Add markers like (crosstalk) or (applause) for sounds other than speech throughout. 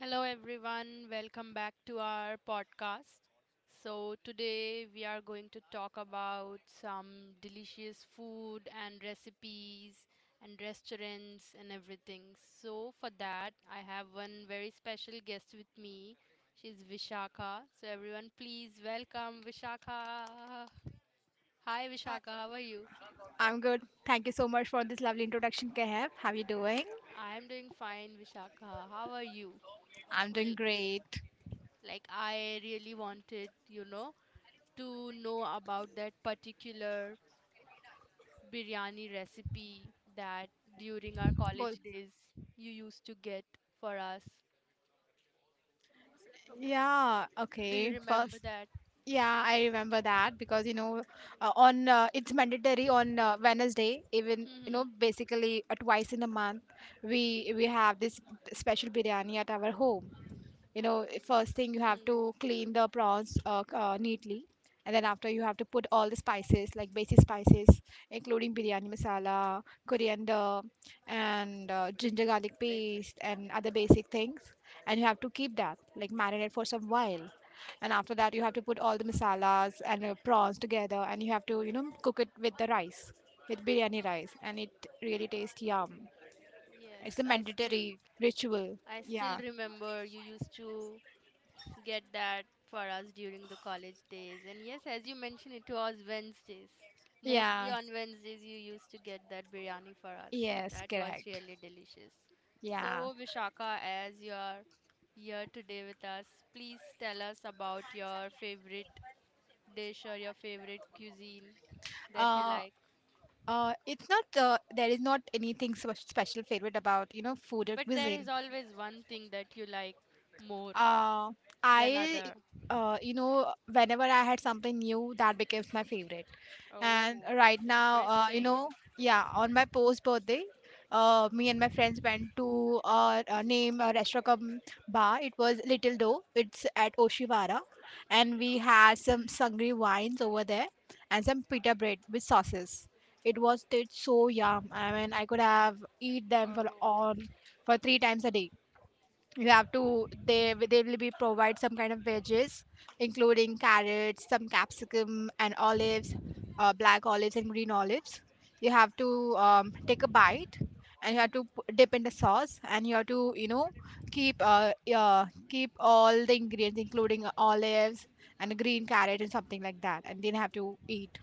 Hello, everyone. Welcome back to our podcast. So, today we are going to talk about some delicious food and recipes and restaurants and everything. So, for that, I have one very special guest with me. She's Vishaka. So, everyone, please welcome Vishaka. Hi, Vishaka. Th- How are you? I'm good. Thank you so much for this lovely introduction, Kehab. How you doing? I am doing fine, Vishaka. How are you? I'm L- doing great. Like, I really wanted, you know to know about that particular biryani recipe that during our Bol. college days you used to get for us. Yeah, Do you okay. remember First, that? yeah, I remember that because you know, on it's mandatory on Wednesday, even Mm-hmm. basically twice in a month. We have this special biryani at our home. First thing, you have to Hmm. clean the prawns neatly, and then after, you have to put all the spices, like basic spices, including biryani masala, coriander, and ginger garlic paste, and other basic things. And you have to keep that, like marinate, for some while, and after that you have to put all the masalas and prawns together, and you have to cook it with the rice, with biryani rice, and it really tastes yum. Yes, It's a I still mandatory ritual. I still Yeah, remember you used to get that for us during the college days. And yes, as you mentioned, it was Wednesdays. Mostly yeah. on Wednesdays, you used to get that biryani for us. Yes, That was correct. really delicious. Yeah. So, Vishaka, as you are here today with us, please tell us about your favorite dish or your favorite cuisine that you Uh, like. It's not, there is not anything special favorite about food or But there is cuisine. always one thing that you like more Uh, than I, other. Whenever I had something new, that becomes my favorite. And Oh, right now, interesting. Yeah, on my post birthday, me and my friends went to name a restaurant cum bar. It was Little Do. It's at Oshiwara, and we had some sangri wines over there and some pita bread with sauces. It was tastes so yum. I mean, I could have eat them for Oh. on for three times a day. You have to, they will be provide some kind of veggies, including carrots, some capsicum, and olives, black olives and green olives. You have to take a bite, and you have to dip in the sauce, and you have to keep keep all the ingredients, including olives and a green carrot and something like that, and then have to eat.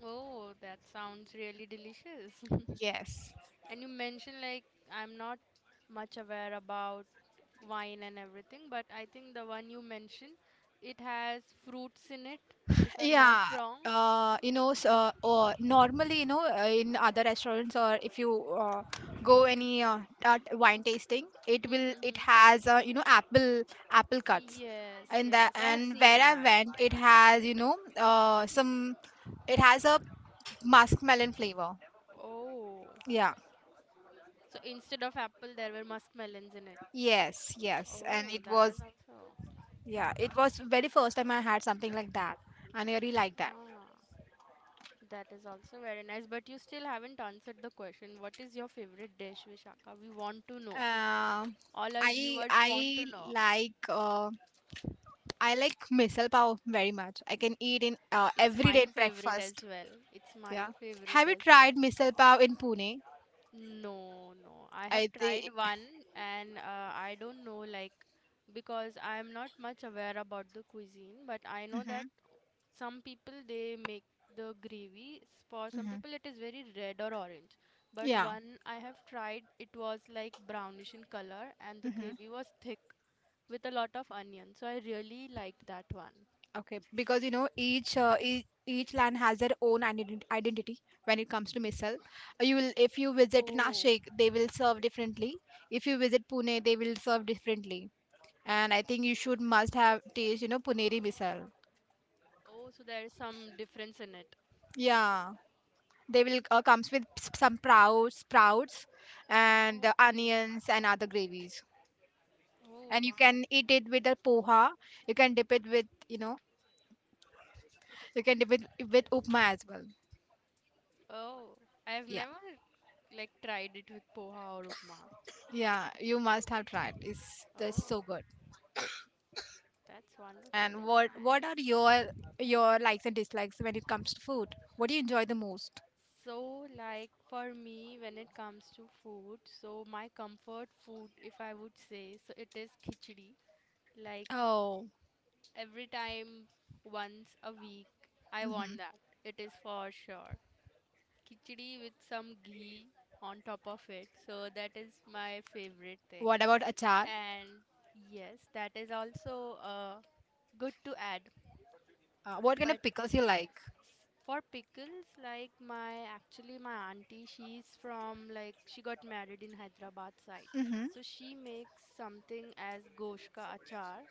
Oh, that sounds really delicious. (laughs) Yes. And you mentioned, like, I'm not much aware about wine and everything, but I think the one you mentioned, it has fruits in it, if I'm not Yeah, wrong. Or normally, in other restaurants, or if you uh, go any wine tasting, it Hmm. has, apple cuts. Yes, And the yes, I've and where seen I that. went, it has, some, it has a muskmelon flavor. Oh, Yeah, so instead of apple, there were muskmelons in it. yes, yes. And Oh, it was yeah, it was very first time I had something like that, and I really like that. ah, that is also very nice. But you still haven't answered the question. What is your favorite dish, Vishaka? We want to know. Um All our I viewers want to I know. like. Uh, I like misal pav very much. I can eat in It's every day mine in favorite as breakfast. well. It's Yeah. mine favorite Have you as tried well. misal pav in Pune? No, no. I have I think. tried one, and I don't know, like, because I am not much aware about the cuisine, but I know that Hmm. some people they make the gravy. For some Hmm. people, it is very red or orange. But Yeah. one I have tried, it was like brownish in color and the Hmm. gravy was thick with a lot of onion. So I really liked that one. Okay. Because each each land has their own identity when it comes to misal. You will If you visit Oh. Nashik, they will serve differently. If you visit Pune, they will serve differently. And I think you should must have taste Puneri misal. Oh, so there is some difference in it. Yeah. They will comes with some sprouts, and the Okay. onions and other gravies. Oh, And you wow. can eat it with a poha. You can dip it with you know. You can dip it with upma as well. Oh, I have Yeah, never like tried it with poha or upma. yeah. You must have tried. It's just so Oh, good. that's wonderful. And That's what are nice. your likes and dislikes when it comes to food? What do you enjoy the most? So, like for me, when it comes to food, so my comfort food, if I would say, so it is khichdi. Like Oh. every time, once a week, I Hmm. want that. It is for sure. Khichdi with some ghee on top of it. So that is my favorite thing. What about achar? And yes, that is also good to add. What kind But of pickles you like? s- for pickles, like my actually my auntie, she's from, like, she got married in Hyderabad side. Mm-hmm. So she makes something as gosh ka achar.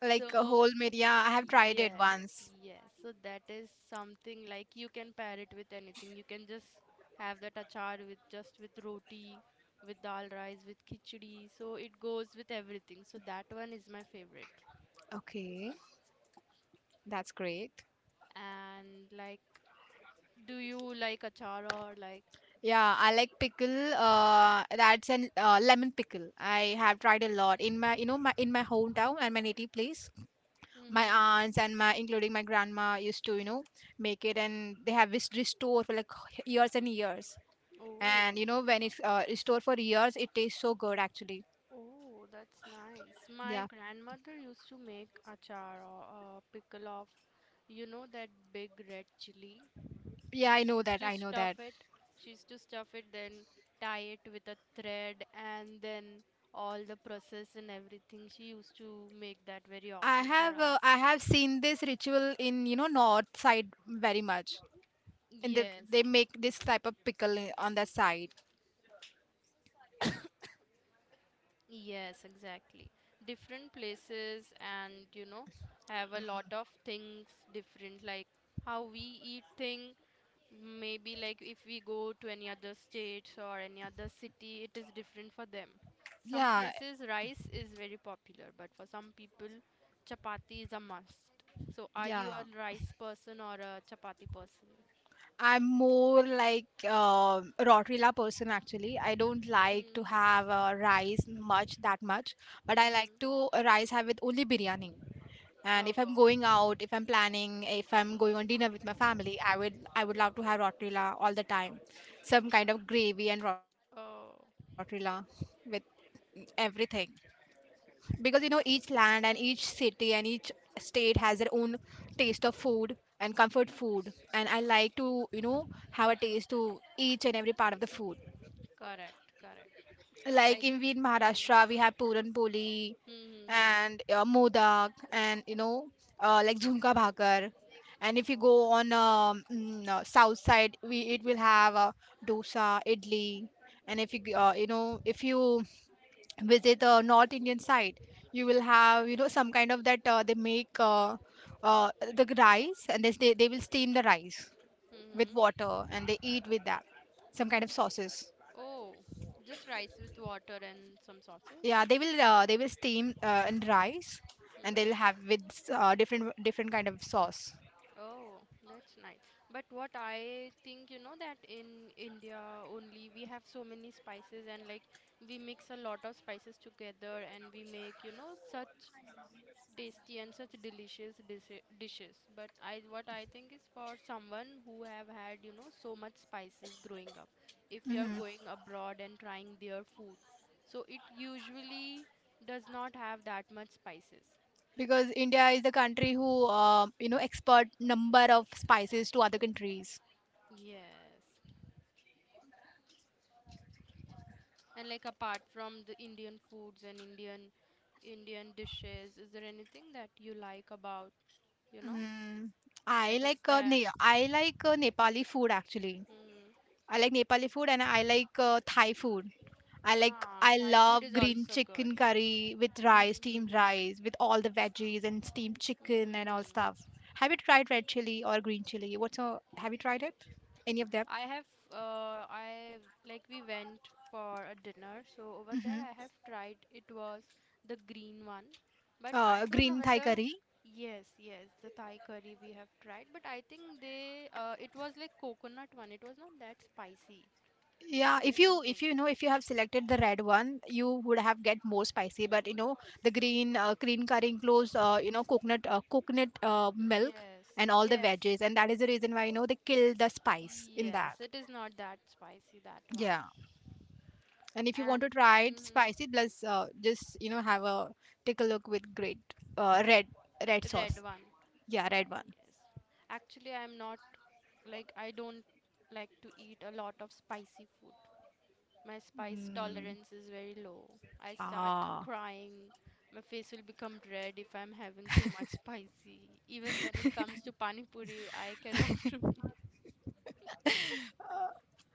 Like a So whole media, I have tried it yes, once. yes. So that is something like you can pair it with anything. You can just have that achar with just with roti, with dal rice, with khichdi. So it goes with everything. So that one is my favorite. Okay. That's great. And, like, do you like achara or like? Yeah, I like pickle. That's an lemon pickle. I have tried a lot in my, you know, my in my hometown and my native place. My Mm-hmm. aunts and including my grandma, used to, make it, and they have this restore for like years and years. Oh, And when it's restored for years, it tastes so good actually. oh, that's nice. My Yeah, grandmother used to make achar or pickle of, you know, that big red chili. yeah, So I she know used that. to I know stuff that. it. She used to stuff it, then tie it with a thread, and then all the process and everything. She used to make that very often for us. I have seen this ritual in, north side very much, and they Yes, they make this type of pickle on the side. yes, exactly. Different places, and have a lot of things different, like how we eat thing, maybe like if we go to any other states or any other city, it is different for them. Some Yeah. places rice is very popular, but for some people chapati is a must. So are you a Yeah, rice person or a chapati person? I'm more like Rotrila person actually. I don't like to Hmm. have rice much that much, but I like to Mm-hmm. rice have with only biryani. And if I'm Oh. going out, if I'm planning, if I'm going on dinner with my family, I would love to have Rotrila all the time. Some kind of gravy and Rotrila Oh. with everything. Because each land and each city and Hmm. each state has their own taste of food and comfort food, and I like to have a taste to each and every part of the food, Correct, correct. like, Like, in we in mm-hmm. Maharashtra, we have puran poli Mm-hmm. and modak, and like jhumka bhakar. And if you go Oh. on south side, we it will Mm-hmm. have dosa, idli. And if you g- you know if you visit north indian side, you will have, some kind of that, they make, rice. And they will steam the rice with Mm-hmm. water, and they eat with that some kind of sauces. Oh, just rice with water and some sauces. Yeah, they will steam and rice, and they'll Mm-hmm. have with different kind of sauce. Oh, that's nice. But what I think, you know, that in India only we have so many spices, and like we mix a lot of spices together, and we make, you know, such tasty and such delicious dishes. But I, what I think is, for someone who have had so much spices growing up, if you are Hmm. going abroad and trying their food, so it usually does not have that much spices. Because India is the country who export number of spices to other countries. Yes. And, like, apart from the Indian foods and Indian dishes, is there anything that you like about, you know Mm. that i is like uh, there? ne- i like uh, Nepali food actually. Mm. I like Nepali food, and I like Thai food. I like Ah, I Thai food love is green also good. chicken curry with rice, Mm-hmm, steamed mm-hmm. rice with all the veggies and steamed Mm-hmm. chicken and all Mm-hmm. stuff. Have you tried red chili or green chili? Have you tried it? Any of them? I have, I like, we went for a dinner, so over there I Hmm. have tried. It was the green one, but I don't know Green Thai whether. curry. Yes, yes, the Thai curry we have tried, but I think it was like coconut one. It was not that spicy. Yeah, I if don't you if think. you know if you have selected the red one, you would have get more spicy. But the Mm, green curry includes, coconut coconut milk yes, and all the yes, veggies, and that is the reason why they kill the spice in that. yes. It is not that spicy, that Yeah, one, and if you want and to try it mm-hmm, spicy, plus just have a take a look with great uh, red red red sauce. one. Yeah, red one. Yes. Actually, I'm not, like, I don't like to eat a lot of spicy food. My spice Mm. tolerance is very low. I start Ah. crying. My face will become red if I'm having too much spicy. Even when it comes to pani puri, I cannot. (laughs)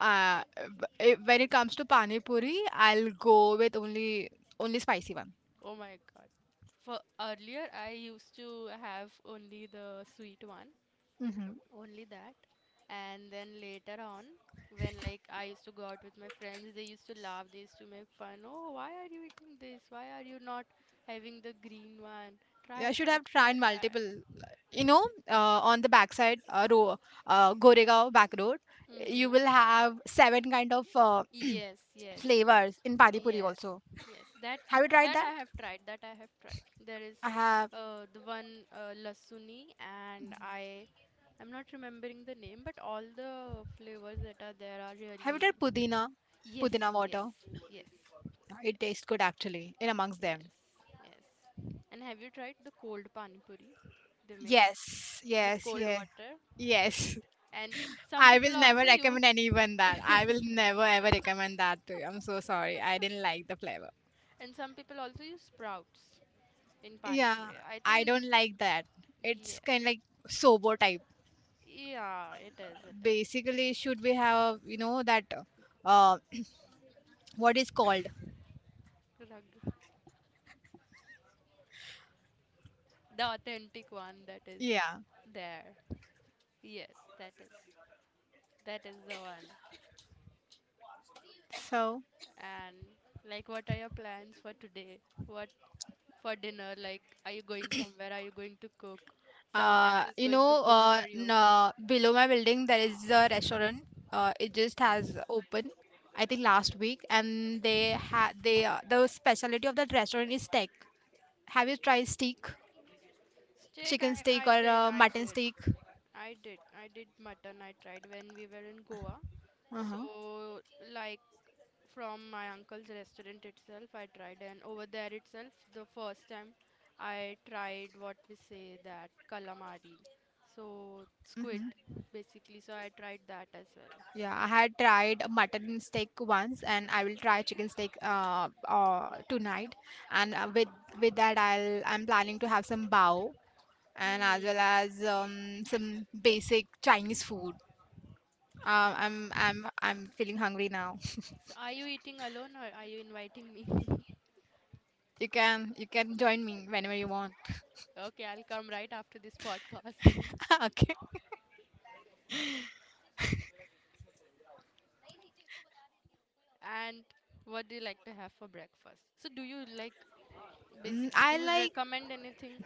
Uh, Like, when it comes to pani mm, puri, I'll go with only spicy one. oh my God. For earlier, I used to have only the sweet one, Hmm. only that, and then later on, when, like, I used to go out with my friends, they used to laugh, they used to make fun. Oh, why are you eating this? Why are you not having the green one? Try I should that, have try tried that. multiple. You know, on the backside row, Goregaon back road, you will Mm. have seven kind of Yes, (clears throat) yes, yes, flavors in pani puri yes, also. yes. that Have you tried that that? I have tried. There is I have. The one, lasuni, and I'm not remembering the name, but all the flavors that are there are Have really. you tried pudina? Yes, Pudina yes, water. yes. It Yes, tastes good actually, in amongst them. yes, yes. And have you tried the cold pani puri they make Yes, with yes, cold yes, water? yes. And some I will people never also use recommend anyone that. I will never ever recommend that to you. I'm so sorry. I didn't like the flavor. and some people also use sprouts in pani Yeah, puri, I I think. don't like that. It's Yes. kind of like sobo type. Yeah, it is, it is. Basically, should we have, that, uh what is called? Rugged. The authentic one that is Yeah. there. Yes, that is. That is the one. So, And, like, what are your plans for today? What for dinner? Like, are you going somewhere, are you going to cook, someone else is going to cook for you? no, below my building there is a restaurant. It just has opened, I think last week, and they had they the specialty of that restaurant is steak. Have you tried steak? Steak? Chicken I steak or did I mutton did steak. I did I did mutton, I tried when we were in Goa. So, Uh-huh. like, from my uncle's restaurant itself I tried, and over there itself the first time I tried what we say that calamari, so Hmm. squid basically, so I tried that as well. Yeah, I had tried mutton steak once, and I will try chicken steak tonight. And with that, I'm planning to have some bao, and as well Hmm. as some basic Chinese food. Um, I'm Wow. I'm I'm feeling hungry now. So are you eating alone, or are you inviting me? (laughs) You can join me whenever you want. Okay, I'll come right after this podcast. (laughs) (laughs) Okay. And what do you like to have for breakfast? So, do you like Mm, basically, do I you like recommend anything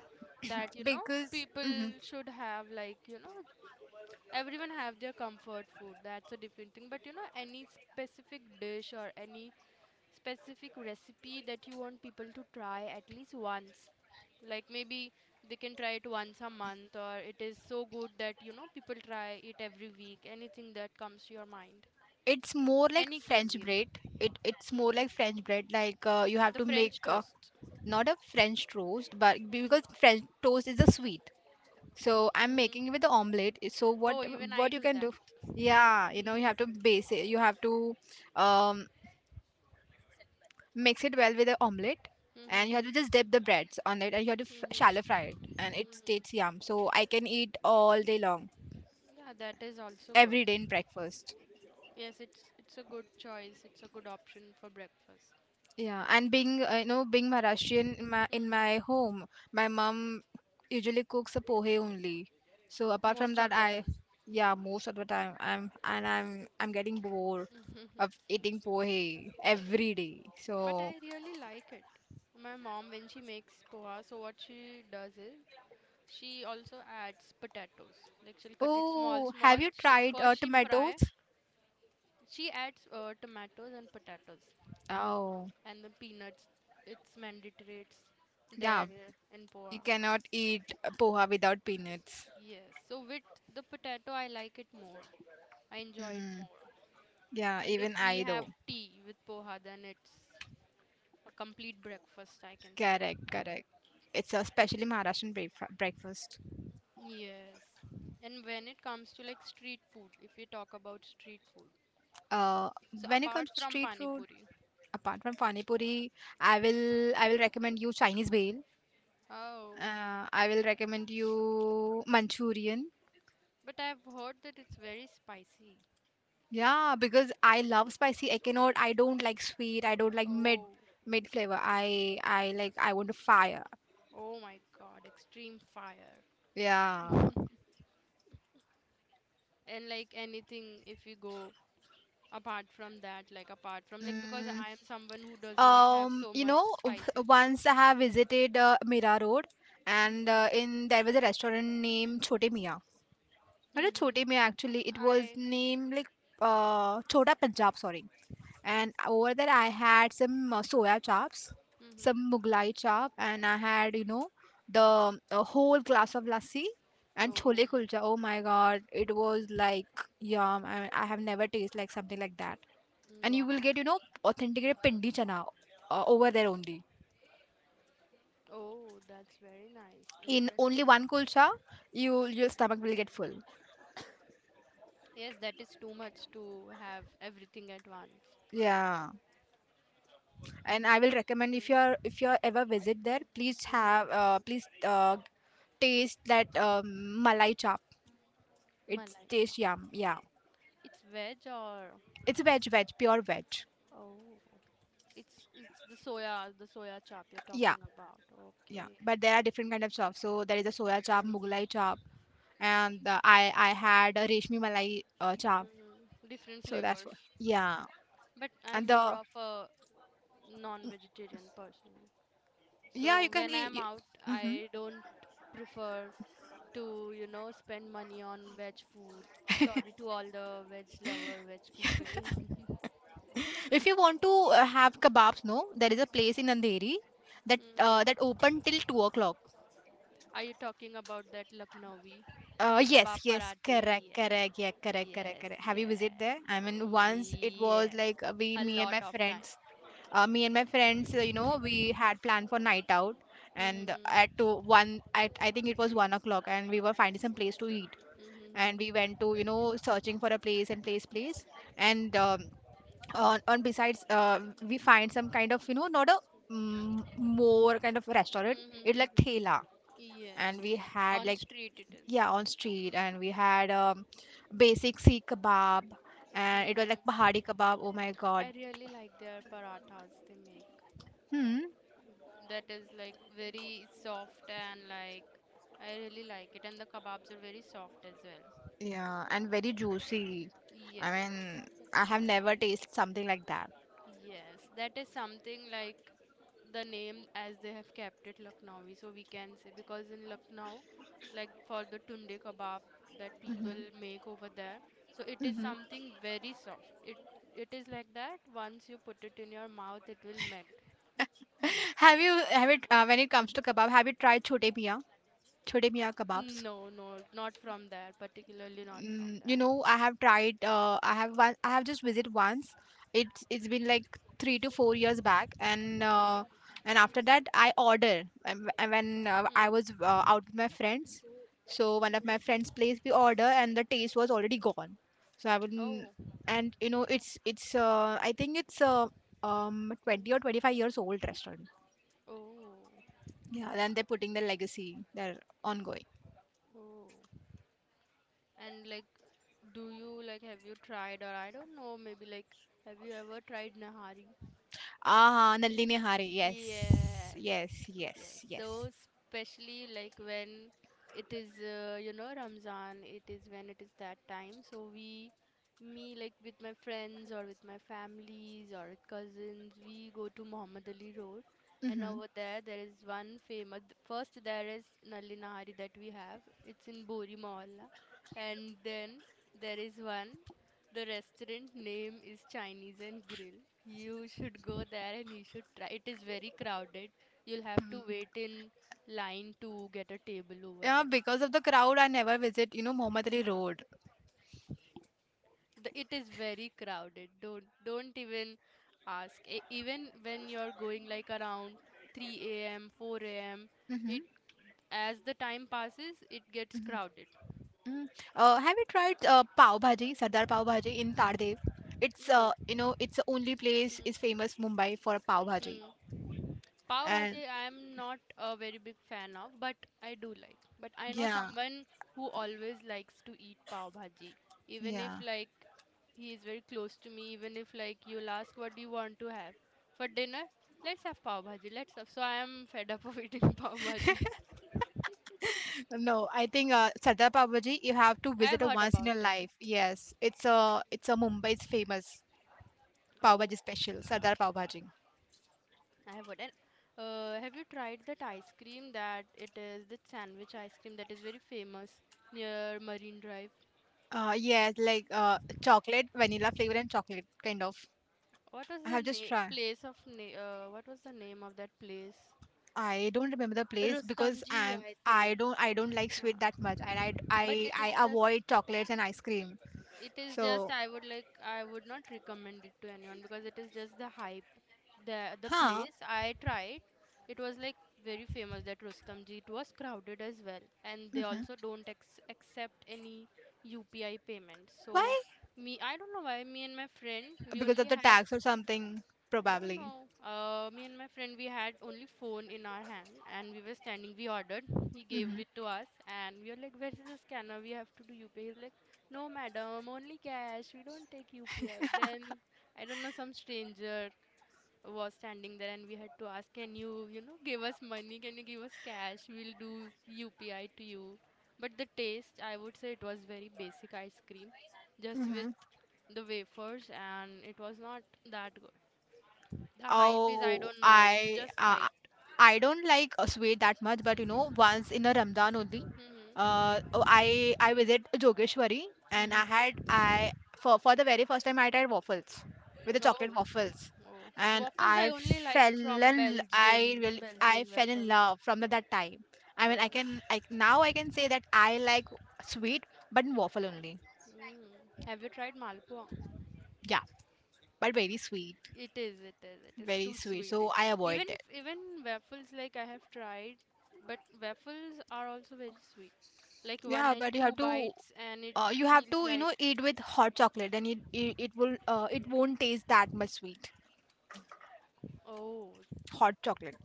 that because. people Mhm. should have, like, everyone have their comfort food. That's a different thing, but any specific dish or any specific recipe that you want people to try at least once. Like, maybe they can try it once a month, or it is so good that people try it every week. Anything that comes to your mind. It's more like Any French cuisine. bread. It's more Hmm. like French bread. Like, you have The to make, French toast. not a French toast, but because Hmm. French toast is a sweet. So I'm making it Hmm. with the omelette. So what Oh, even I what you do can do? that. Yeah, you have to base it. You have to um, mix it well with the omelette, and you have Hmm. to just dip the breads on it, and you have to shallow Hmm. fry it, and it tastes Hmm. yum. So I can eat all day long, Yeah, that is also good. every day in breakfast. Yes, it's a good choice. It's a good option for breakfast. Yeah, and being, being Maharashtrian, in my Hmm. home, my mom usually cooks a pohe only. So apart from Most that, of the I time. yeah most of the time I'm and I'm I'm getting bored of eating pohe every day. But So I really like it. My mom, when she makes poha, so what she does is she also adds potatoes. Like, she'll cut it small, oh, small. have you tried First she fry. tomatoes? She adds tomatoes and potatoes. Oh And the peanuts, it's mandatories yeah, there in poa. you cannot eat a poha without peanuts. Yes, so with the potato I like it more, I enjoy it Mm, more. yeah, And if even we I have though. tea with poha, then it's a complete breakfast, I can say. Correct, correct. It's a specially Maharashtrian breakfast. Yes. And when it comes to, like, street food, if we talk about street food, uh, so when it apart comes to from street pani food, puri. apart from pani puri, I will recommend you Chinese bale. Oh, I will recommend you Manchurian. but I've heard that it's very spicy. Yeah, because I love spicy. I cannot. I don't like sweet. I don't like mid Oh. mid flavor. I like. I want a fire. Oh my God, extreme fire. Yeah. (laughs) And, like, anything if you go apart from that, like apart from, like, because Mm. I am someone who does not have so much spicy food. Once I have visited Mira Road, and Mm-hmm. In there was a restaurant named Chote Mia. अरे Mm-hmm. छोटे में actually it was I. named like Chota Punjab, sorry. And over there I had some soya chops, Mm-hmm. some Mughlai chop, and I had the a whole glass of lassi and chole Oh, kulcha. Oh my God, it was like yum. I have never tasted like something like that. And you will wow. get authenticated pindi chana over there only. Oh, that's very nice, In only interesting. one kulcha, your stomach will get full. Yes, that is too much to have everything at once. Yeah. And I will recommend if you're if you are ever visit there, please have Mm-hmm. Please taste that malai chop. It's Malai chap, taste yum, yeah. it's veg or? It's veg, pure veg. Oh, it's the soya chop you're Yeah. talking about. Yeah, Okay. but there are different kind of chops. So there is a soya chop, mughlai chop, and I had a reshmi malai chop. Mm-hmm. Different So that's what, flavors. yeah. But I'm And more the of a non-vegetarian person. yeah, you So can when eat I'm out, hmm. I don't prefer to, you know, spend money on veg food. Sorry to all the veg lover, veg people. (laughs) (laughs) If you want to have kebabs, no, there is a place in Andheri that that Hmm. open till 2 o'clock. Are you talking about that Lucknowi? The Yes, kebab yes, parate? correct, Yes. correct, yeah, correct, correct, Yes, correct. Have you visited there? yes. I mean, once it was Yes. like A me and lot my of time. friends, me and my friends, we had planned for night out, and at Hmm. I think it was 1 o'clock, and we were finding some place to eat, and we Hmm. went to, you know, searching for a place and place, and on besides, we find some kind of, you know, not a mm, more kind of restaurant, Hmm. it like Hmm. thela, Yes. and we had On like, street it is. yeah, on street. And we had basic Sikh kebab, and it was like Hmm. Pahadi kebab. Oh my God. I really like their parathas they make. Hmm. That is like very soft, and, like, I really like it, and the kebabs are very soft as well. Yeah, and very juicy. I Yes. mean, I have never tasted something like that. Yes, that is something like the name as they have kept it Lucknowi so we can say because in Lucknow like for the tunde kebab that people Hmm. make over there so it is Hmm. something very soft it is like that once you put it in your mouth it will melt. (laughs) Have you have it, when it comes to kebab, have you tried chote miya kebabs? No, no, not from there. Particularly not from Mm, you there. know, I have tried. I have one. I have just visit once. It's been like 3 to 4 years back, and after that I order. And and when I was Mm. Out with my friends. So one of my friends' place we order, and the taste was already gone. So I wouldn't. Oh. And you know, it's it's. I think it's Mm. 20 or 25 years old restaurant. Oh. Yeah, then they're putting the legacy. They're ongoing. Oh. And like, do you like have you tried or I don't know, maybe like have you ever tried Nahari? Ah, Nalini Hari. Yes, Yes, yes, yes. yes, So especially like when it is, you know, Ramzan, it is when it is that time. So we, me like with my friends or with my families or with cousins, we go to Muhammad Ali Road, and Mm-hmm. over there there is one famous. First there is Nalli Nahari that we have. It's in Bori Mohalla, and then there is one. The restaurant name is Chinese and Grill. You should go there and you should try. It is very crowded. You'll have to Mm. wait in line to get a table over Yeah, there. because of the crowd, I never visit, you know, Mohammed Ali Road. The, it is very crowded. Don't even ask. Even when you're going like around 3 a.m., 4 a.m., it Mm-hmm. as the time passes, it gets crowded. Mm-hmm. Mm. Have you tried Pav Bhaji, Sardar Pav Bhaji in Tardev? It's No. you know, it's the only place is Hmm. famous Mumbai for Pav Bhaji. Hmm. Pav bhaji, And I am not a very big fan of, but I do like. But I know yeah, someone who always likes to eat pav bhaji, even if yeah. like he is very close to me, even if like you'll ask what do you want to have for dinner, let's have pav bhaji. Let's have. So I am fed up of eating (laughs) pav bhaji. (laughs) No, I think Sardar Pav Bhaji you have to I have visit it heard once in about your it. life. Yes, it's a Mumbai's famous Pav Oh, Bhaji special, Sardar Pav Bhaji. I have heard. And have you tried that ice cream that it is the sandwich ice cream that is very famous near Marine Drive? Yes, like chocolate, vanilla flavor and chocolate kind of. What was I the have just name tried. place of what was the name of that place? I don't remember the place because Rustamji, I think. I don't like sweet that Uh, much, and but I avoid chocolates and ice cream. it is just So I would like I would not recommend it to anyone because it is just the hype. The huh? place I tried, it was like very famous that Rustamji. It was crowded as well, and they also Hmm. don't accept any UPI payments. So Why? me, I don't know why. Me and my friend, we Because of only the had tax or something no, probably. no. Me and my friend, we had only phone in our hand, and we were standing. We ordered. He gave Mm-hmm. it to us, and we were like, "Where's the scanner? We have to do UPI." He's like, "No, madam, only cash. We don't take UPI." Then I don't know, some stranger was standing there, and we had to ask, "Can you, you know, give us money? Can you give us cash? We'll do UPI to you." But the taste, I would say, it was very basic ice cream, just Mm-hmm. with the wafers, and it was not that good. The hype is I Oh, don't know. It's just hyped. I don't like sweet that much, but you know, once in a Ramadan only, Hmm. Oh, I visit Jogeshwari, and I had Hmm. I for the very first time I tried waffles with the chocolate Oh, waffles, oh. and Waffles I I only like fell from Belgian I Belgian fell in waffles. love from the, that time. I mean, I Oh. can I now I can say that I like sweet, but in waffle only. Mm. Have you tried Malpua? Yeah, but very sweet, It is. It is. It is very too sweet. sweet. So I avoid Even it. even waffles like I have tried, but waffles are also very sweet. Like one Yeah, and but you two have to bites, and it you have feels to, you like know, eat with hot chocolate, and it will it won't taste that much sweet. oh, Hot chocolate.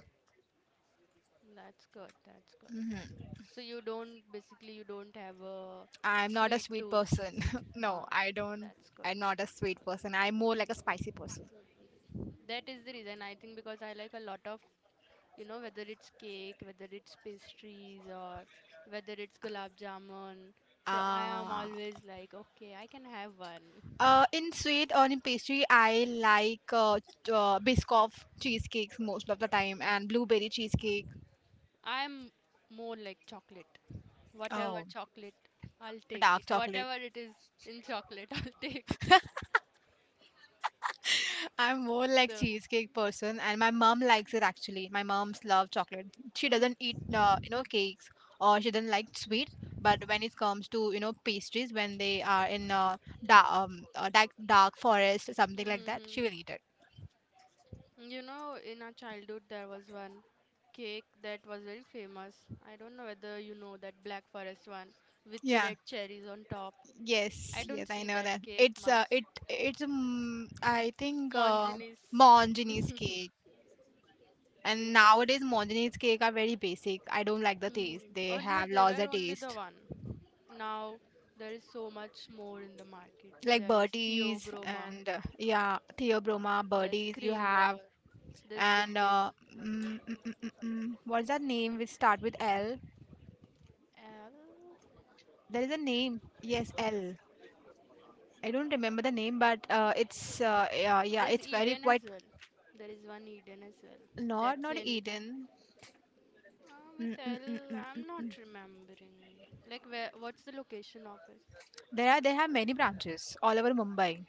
that's good. That's good. Hmm. So you don't basically you don't have a I'm not a sweet sweet tooth. person. (laughs) No, Ah, I don't. that's good. I'm not a sweet person. I'm more like a spicy person. Mm, that is the reason I think because I like a lot of, you know, whether it's cake, whether it's pastries, or whether it's gulab jamun. So I am Ah, always like, okay, I can have one. In sweet or in pastry I like biscoff cheesecakes most of the time, and blueberry cheesecake. I'm more like chocolate. Whatever Oh. chocolate, I'll take Dark it. chocolate. Whatever it is in chocolate, (laughs) I'll take it. I'm more like So, cheesecake person, and my mom likes it actually. My mom's love chocolate. She doesn't mm, eat, you know, cakes, or she doesn't like sweet. But when it comes to, you know, pastries, when they are in dark, dark forest or something like that, she mm-hmm. will eat it. You know, in our childhood, there was one cake that was very famous. I don't know whether you know that black forest one with Yeah. red cherries on top. I Yes. Yes. don't I see know that that. cake It's much. It it's I think Mongenis. Mongenie's cake. And Yes. nowadays, Mongenie's cake are very basic. I don't like the taste. Hmm. They Earlier, have they lost were their only the taste. one. Now, there is so much more in the market. Like There is birdies Theobroma, and yeah, theobroma, there's birdies, you have. Creamier, there's And Jaden. What's that name which start with L? Uh, There is a name, yes, L. I don't remember the name, but ah, it's yeah, yeah, There's it's very Eden as quite. well. There is one Eden as well. Not That's not in, Eden. With mm, mm, L, mm, mm. I'm not remembering. Like, where? What's the location of it? There are many branches all over Mumbai.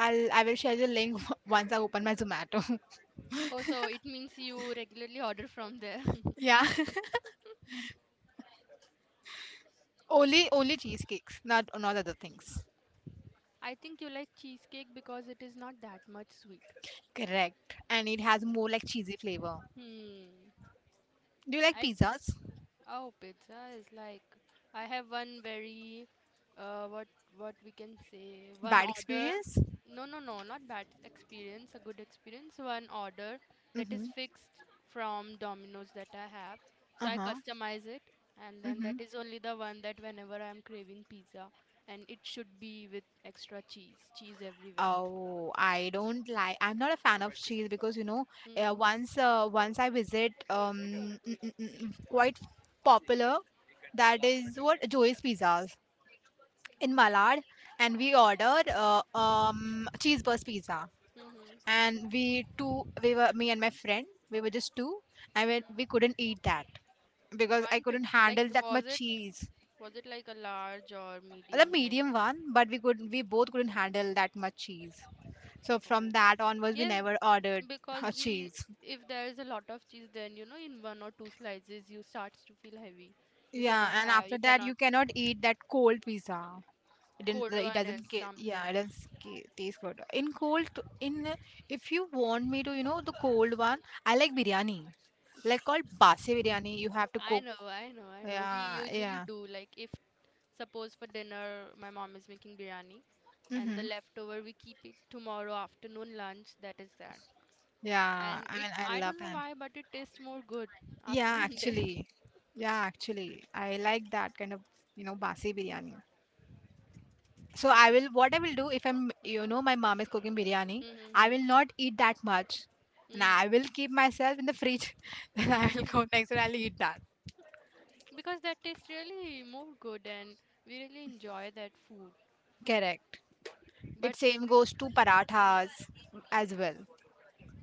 I will share the link (laughs) once I open my Zomato. Oh, so it means you regularly order from there. (laughs) Yeah, (laughs) only cheesecakes, not other things. (laughs) I think you like cheesecake because it is not that much sweet. Correct, and it has more like cheesy flavor. Hmm. Do you like I pizzas? oh, pizza is like I have one very uh what what we can say one Bad order. experience? No, no, no, not bad experience, a good experience. One order that Mm-hmm. is fixed from Domino's that I have. So I Uh-huh. customize it and then Mm-hmm. that is only the one that whenever I'm craving pizza, and it should be with extra cheese, cheese everywhere. Oh, I don't like. I'm not a fan of cheese because you know, Mm. Once I visit um quite popular, that is what Joey's Pizzas in Mm-hmm. Malad, and we ordered cheese burst pizza, Mm-hmm. and we were me and my friend we were just two, and we Mm-hmm. couldn't eat that because I One couldn't pizza. Like handle that much cheese. was it like a large or The medium like medium one, but we could we both couldn't handle that much cheese. So from oh. that onwards, we Yes, never ordered because a we, cheese. if there is a lot of cheese, then you know, in one or two slices, you starts to feel heavy. You Yeah, cannot and have, after you that, cannot, you cannot eat that cold pizza. It didn't. cold It one is doesn't. Ca- Yeah, something. it doesn't taste good. In cold, in if you want me to, you know, the cold one, I like biryani, like called basi biryani. You have to I cook. know, I know, I know. We Yeah, usually yeah. do, like, if suppose for dinner, my mom is making biryani, and the Mm-hmm. leftover, we keep it tomorrow afternoon lunch that is there. Yeah, And I it, mean, I I love don't know that. why, but it tastes more good after (laughs) Yeah, one day. actually. Yeah, actually, I like that kind of, you know, basi biryani. So I will Yeah. what I will do if I'm, you Mm. know, my mom is cooking biryani, I Mm-hmm. will not eat that much. And I Mm-hmm. will keep myself in the fridge. (laughs) Then I will (laughs) go next and I'll eat that. Because that tastes really more good and we really enjoy that food. Correct. It But same goes to parathas mm, as well.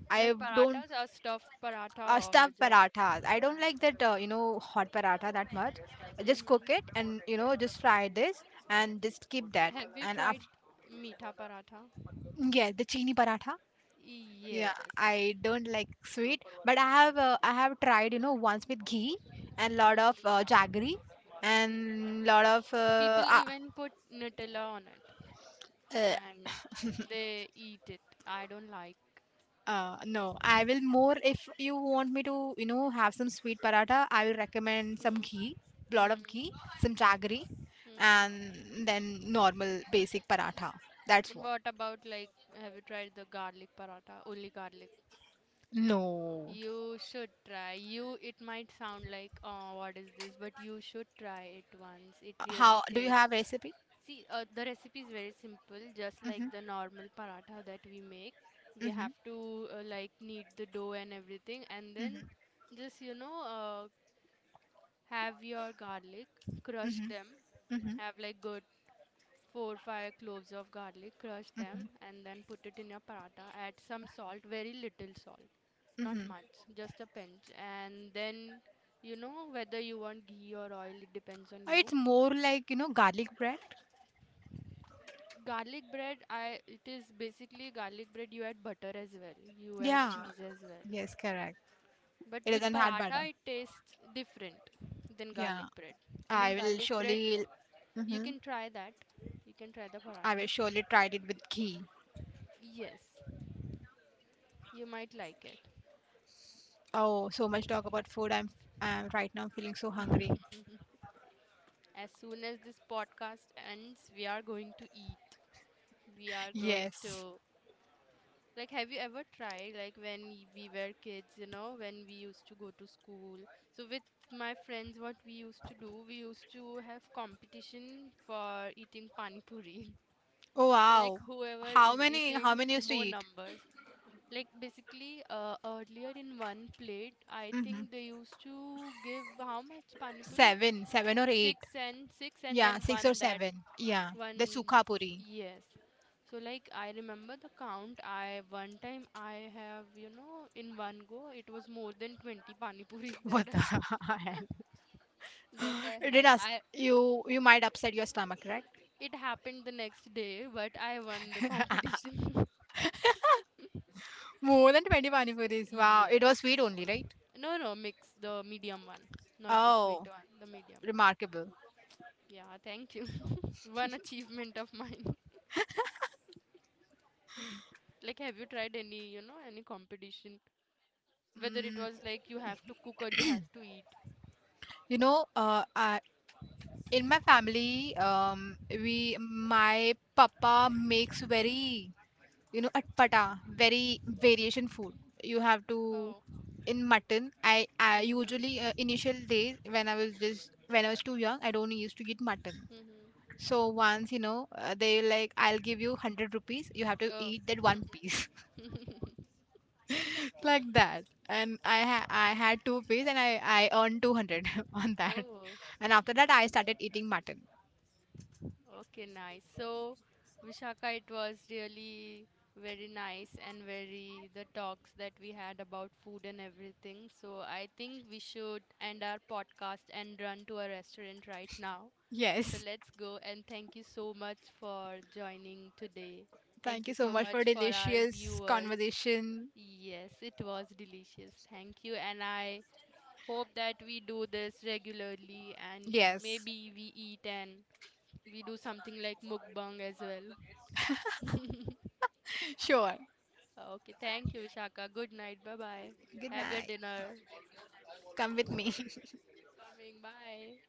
I like don't. parathas are stuffed paratha or Stuffed just. parathas. I don't like that you know hot paratha that much. I just cook it Hmm. and, you know, just fry this and just keep that. Have you And tried after, meatha paratha? yeah, the chini paratha. Yeah, Yes, I don't like sweet, but yes. I have tried, you know, once with ghee and lot of Hmm. jaggery Hmm. and lot of People even put Nutella on it uh, and they eat it. I don't like. No. I will more if you want me to, you know, have some sweet paratha. I will recommend some Mm-hmm. ghee, lot of ghee, some jaggery, Mm-hmm. and then normal basic paratha. That's And what. what about like have you tried the garlic paratha? Only garlic. No. You should try. You, it might sound like, oh, what is this? But you should try it once. It How really do you tastes. have recipe? See, the recipe is very simple, just Mm-hmm, like the normal paratha that we make. We mm-hmm, have to like knead the dough and everything, and mm-hmm, then just, you know, have your garlic, crush them, mm-hmm, mm-hmm, have like good four, five cloves of garlic, crush them, mm-hmm, and then put it in your paratha, add some salt, very little salt, not mm-hmm. much, just a pinch, and then you know whether you want ghee or oil, it depends on you. It's more like, you know, garlic bread. Garlic bread, I it is basically garlic bread, you add butter as well, you add Yeah, cheese as well, yes, correct. but It with doesn't had paratha butter. it tastes different than Yeah, garlic bread. And in I will garlic bread surely, you mhm, can try that, you can try the I will paratha, surely try it with ghee. yes, you might like it. Oh, so much talk about food. I'm right now feeling so hungry. As soon as this podcast ends, we are going to eat. We are going Yes. to like have you ever tried like when we were kids, you know, when we used to go to school. So with my friends what we used to do, we used to have competition for eating pani puri. (laughs) Oh So like wow. whoever How is many? How eating many used to more eat? numbers. Like basically earlier in one plate, I Hmm. think they used to give how much pani puris? Seven, or eight. Six and six and Yeah, then six or one that seven. Yeah, the one, sukha puri. yes. So like I remember the count. I one time I have, you know, in one go it was more than 20 pani puris (laughs) What the that (laughs) hell? that I It did had. us. I You might upset your stomach, right? it happened the next day, but I won the competition. (laughs) More than 20 pani puris. Wow, it was Yes. sweet only, right? No, no, mix the medium one, not the sweet Oh, one, the medium one. remarkable. Yeah, thank you. (laughs) One achievement of mine. (laughs) Like, have you tried any, you know, any competition? Whether it Mm, was like you have to cook or you have to eat. you know, uh, I, in my family, we my papa makes very, you know, atpata, very variation food. You have to Oh. in mutton. I usually Hmm. Initial days when I was just when I was too young, I don't used to eat mutton. Mm-hmm. So once, you know, they like, I'll give you 100 rupees. You have to Oh, eat that one piece. Like that, and I had two piece, and I earned 200 (laughs) on that. oh, And after that I started eating mutton. okay, nice. So, Vishaka, it was really very nice and very the talks that we had about food and everything. So, I think we should end our podcast and run to a restaurant right now. So, Yes. let's go and thank you so much for joining today. Thank Thank you you so so much much for for our delicious viewers. conversation. Yes, it was delicious. Thank you, and I hope that we do this regularly and Yes. maybe we eat and we do something like mukbang as well. (laughs) Sure. Okay, thank you, Vishaka. Good night. Bye bye. Good Have your night. dinner. Come with me. Coming. Bye.